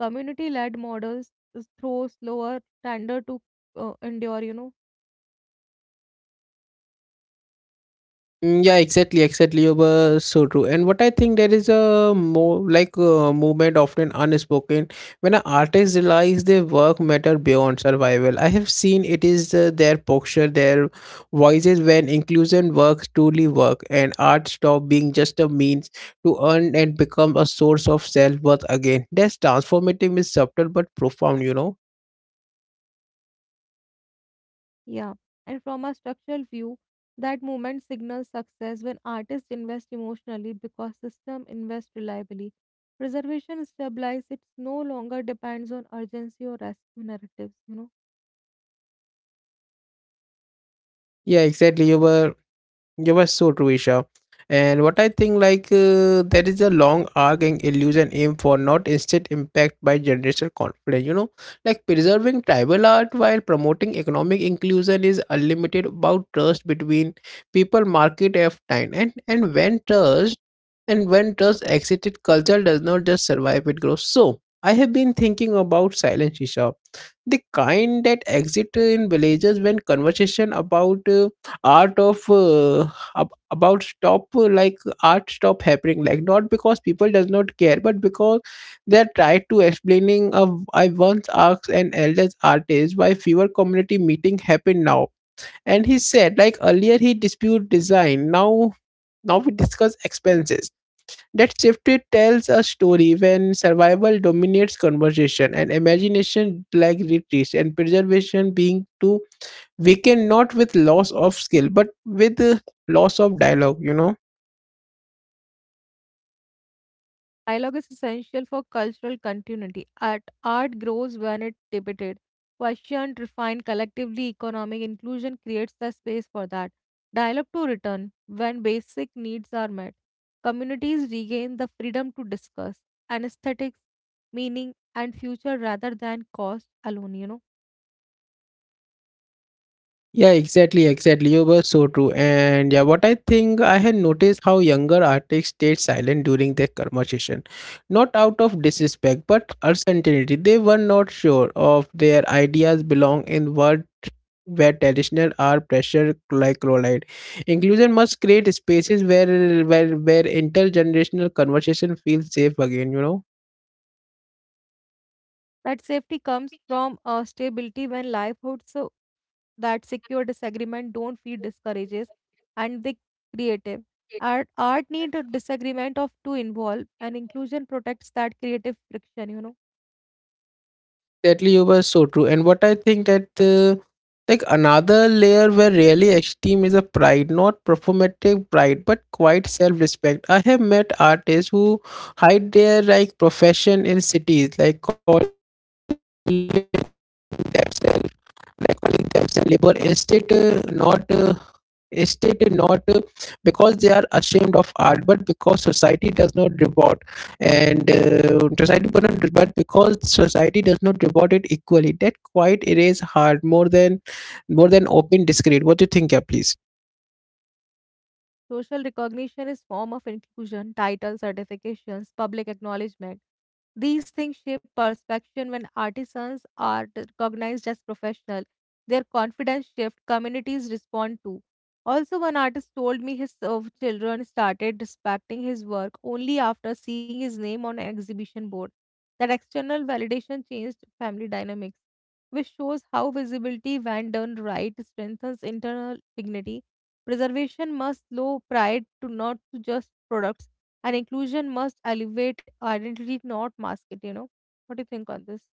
Community led models throw slower, tender to endure, you know.
Mm, yeah, exactly, exactly. You were so true. And what I think there is a more like movement often unspoken when an artist realize their work matter beyond survival. I have seen it is their posture, their voices when inclusion works truly work, and art stop being just a means to earn and become a source of self worth again. That's transformative is subtle but profound. You know.
Yeah, and from a structural view, that movement signals success when artists invest emotionally because system invest reliably. Preservation stabilizes it no longer depends on urgency or rescue narratives, you know.
Yeah, exactly. You were so true, Isha. And what I think, like, there is a long arcing illusion aim for not instant impact by generational conflict. You know, like preserving tribal art while promoting economic inclusion is unlimited about trust between people, market, of time, and and when trust exited, culture does not just survive; it grows. So I have been thinking about silence, Isha, the kind that exit in villages when conversation about. Art of ab- about stop like art stop happening like not because people does not care but because they tried to explaining of I once asked an elders artist why fewer community meeting happen now and he said like earlier he dispute design now we discuss expenses that shifted tells a story when survival dominates conversation and imagination like retreats and preservation being too we can not with loss of skill but with loss of dialogue. You know.
Dialogue is essential for cultural continuity. Art grows when it's debated, questioned, refined collectively. Economic inclusion creates the space for that. Dialogue to return when basic needs are met. Communities regain the freedom to discuss anesthetics, meaning, and future rather than cost alone, you know.
Yeah, exactly, exactly. You were so true. And yeah, what I think I had noticed how younger artists stayed silent during their conversation. Not out of disrespect, but uncertainty. They were not sure of their ideas belong in what where traditional are pressure like collide. Inclusion must create spaces where where intergenerational conversation feels safe again, you know.
That safety comes from stability when livelihoods so that secure disagreement don't feed discourages and they creative. Art need a disagreement of to involve and inclusion protects that creative friction, you know.
Exactly, you were so true. And what I think that like another layer where really esteem is a pride, not performative pride, but quite self-respect. I have met artists who hide their like profession in cities, like calling themselves labor estate not estate not because they are ashamed of art but because society does not reward and society but, not, but because society does not reward it equally that quite erase hard more than open discreet. What do you think? Yeah, please.
Social recognition is form of inclusion, titles, certifications, public acknowledgement. These things shape perception when artisans are recognized as professional. Their confidence shift communities respond to. Also, one artist told me his children started respecting his work only after seeing his name on an exhibition board. That external validation changed family dynamics, which shows how visibility, when done right, strengthens internal dignity. Preservation must low pride to not to just products, and inclusion must elevate identity, not mask it, you know. What do you think on this?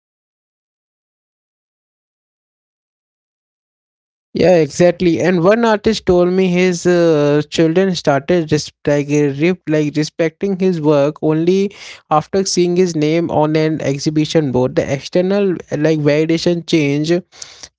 Yeah, exactly. And one artist told me his children started just like like respecting his work only after seeing his name on an exhibition board. The external like validation change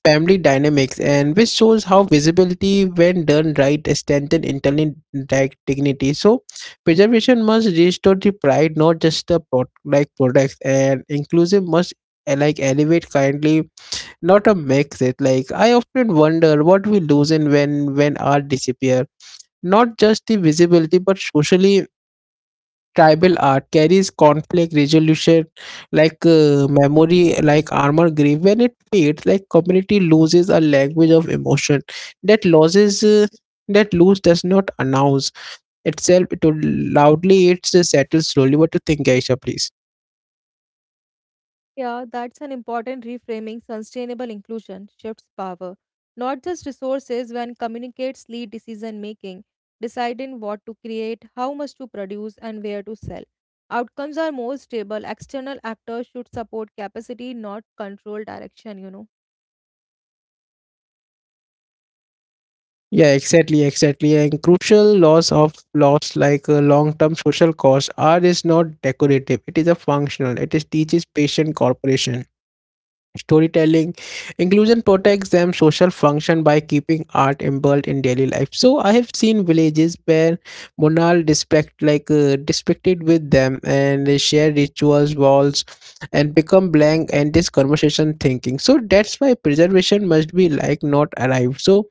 family dynamics, and which shows how visibility, when done right, strengthen internal like dignity. So preservation must restore the pride, not just the like products, and inclusive must like elevate kindly not a mix it like I often wonder what we lose in when art disappear not just the visibility but socially tribal art carries conflict resolution like memory like armor grave when it fades like community loses a language of emotion that loses that lose does not announce itself it will loudly it's settled slowly. What do you think, Aisha? Please.
Yeah, that's an important reframing. Sustainable inclusion shifts power, not just resources, when communicates lead decision making, deciding what to create, how much to produce, and where to sell. Outcomes are more stable. External actors should support capacity, not control direction, you know.
Yeah, exactly, exactly. And crucial loss of loss like a long-term social cost. Art is not decorative; it is a functional. It is teaches patient cooperation storytelling. Inclusion protects them social function by keeping art involved in daily life. So I have seen villages where monal dispect like distracted with them and they share rituals, walls, and become blank and this conversation thinking. So that's why preservation must be like not arrived. So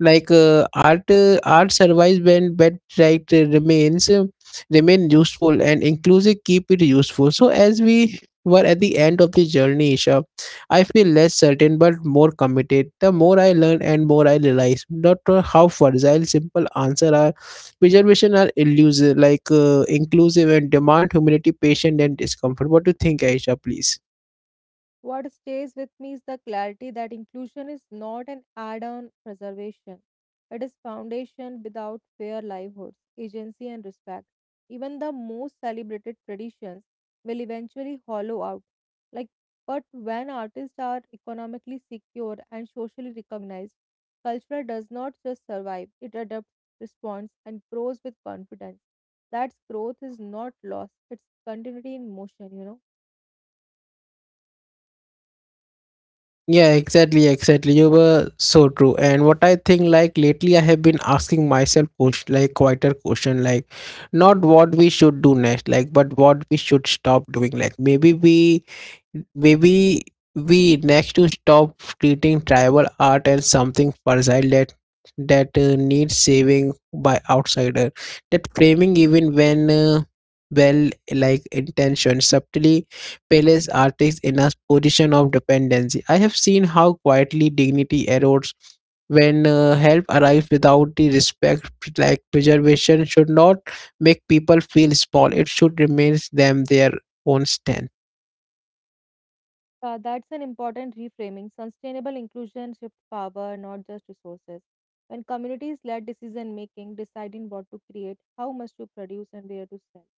like art survives when but right remain useful and inclusive keep it useful. So as we were at the end of the journey, Isha, I feel less certain but more committed. The more I learn and more I realize not how fragile simple answers are. Preservation are illusive, like inclusive and demand humility, patience and discomfort. What do you think, Aisha? Please.
What stays with me is the clarity that inclusion is not an add on preservation. It is foundation without fair livelihoods, agency, and respect. Even the most celebrated traditions will eventually hollow out. Like, but when artists are economically secure and socially recognized, culture does not just survive, it adapts, responds, and grows with confidence. That growth is not loss, it's continuity in motion, you know.
Yeah, exactly, exactly. You were so true. And what I think, like lately, I have been asking myself, like quieter question, like not what we should do next, like but what we should stop doing. Like maybe we next to stop treating tribal art as something fragile that needs saving by outsider. That framing, even when well like intention, subtly places artists in a position of dependency. I have seen how quietly dignity erodes when help arrives without the respect like preservation should not make people feel small it should remain them their own strength.
That's an important reframing. Sustainable inclusion shifts power, not just resources. When communities led decision making, deciding what to create, how much to produce, and where to sell,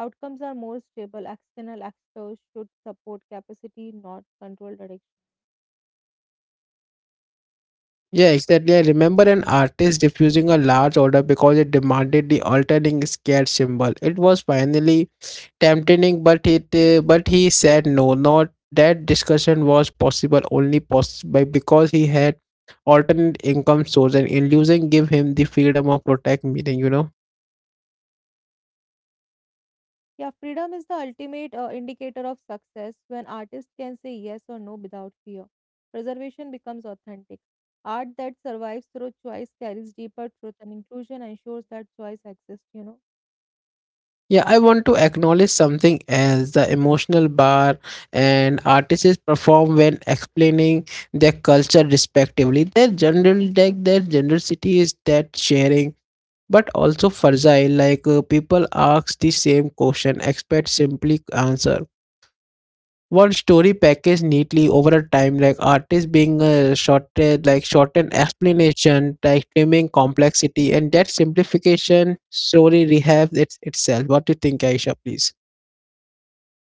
outcomes are more stable. External actors should support capacity, not control direction.
Yeah, exactly. I remember an artist refusing a large order because it demanded the alternating scared symbol. It was finally tempting, but it but he said no. Not that discussion was possible only by because he had alternate income source, and illusion give him the freedom of protect meeting. You know.
Yeah, freedom is the ultimate indicator of success when artists can say yes or no without fear. Preservation becomes authentic. Art that survives through choice carries deeper truth, and inclusion ensures that choice exists, you know.
Yeah, I want to acknowledge something else the emotional bar and artists perform when explaining their culture respectively. Their general like their generosity is that sharing, but also fragile. Like people ask the same question, expect simply answer. One story packaged neatly over a time, like artists being shorted, like shortened explanation, like trimming complexity, and that simplification story rehabs itself. What do you think, Aisha? Please.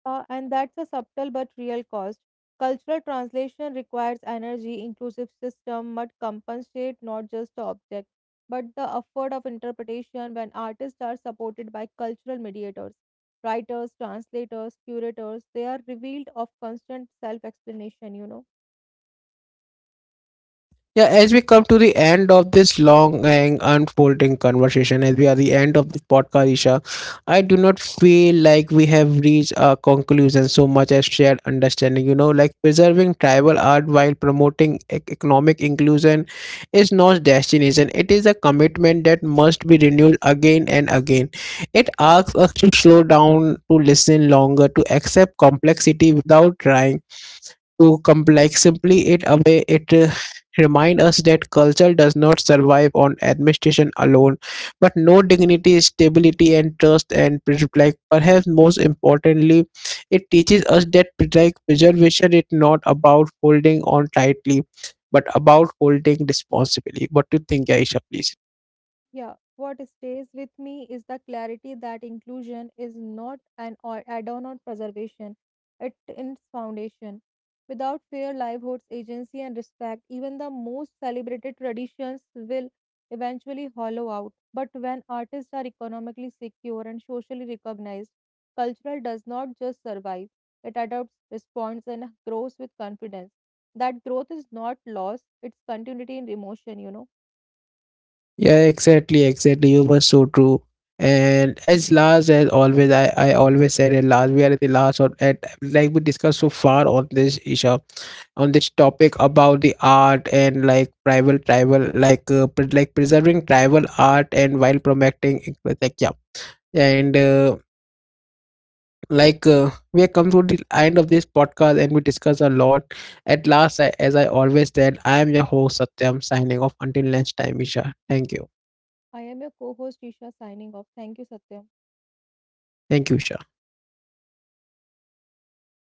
And that's a subtle but real cost. Cultural translation requires energy, inclusive system must compensate not just the object, but the effort of interpretation when artists are supported by cultural mediators, writers, translators, curators, they are revealed of constant self-explanation, you know.
Yeah, as we come to the end of this long and unfolding conversation, as we are the end of this podcast, Isha, I do not feel like we have reached a conclusion so much as shared understanding. You know, like preserving tribal art while promoting economic inclusion is not destination. It is a commitment that must be renewed again and again. It asks us to slow down, to listen longer, to accept complexity without trying to complex. Simply it away it remind us that culture does not survive on administration alone, but no dignity, stability, and trust. And like perhaps most importantly, it teaches us that like preservation is not about holding on tightly, but about holding responsibly. What do you think, Aisha? Please.
Yeah, what stays with me is the clarity that inclusion is not an add-on or preservation, it is foundation. Without fair livelihoods, agency, and respect, even the most celebrated traditions will eventually hollow out. But when artists are economically secure and socially recognized, cultural does not just survive, it adopts, responds, and grows with confidence. That growth is not loss, it's continuity in emotion, you know.
Yeah, exactly, exactly. You were so true. And as last as always, I always said at last, we are at the last of at like we discussed so far on this issue on this topic about the art and like tribal like like preserving tribal art and while promoting it was like yeah and we have come to the end of this podcast and we discuss a lot at last as I always said I am your host satyam signing off until next time isha
I am your co host, Isha, signing off. Thank you, Satyam.
thank you isha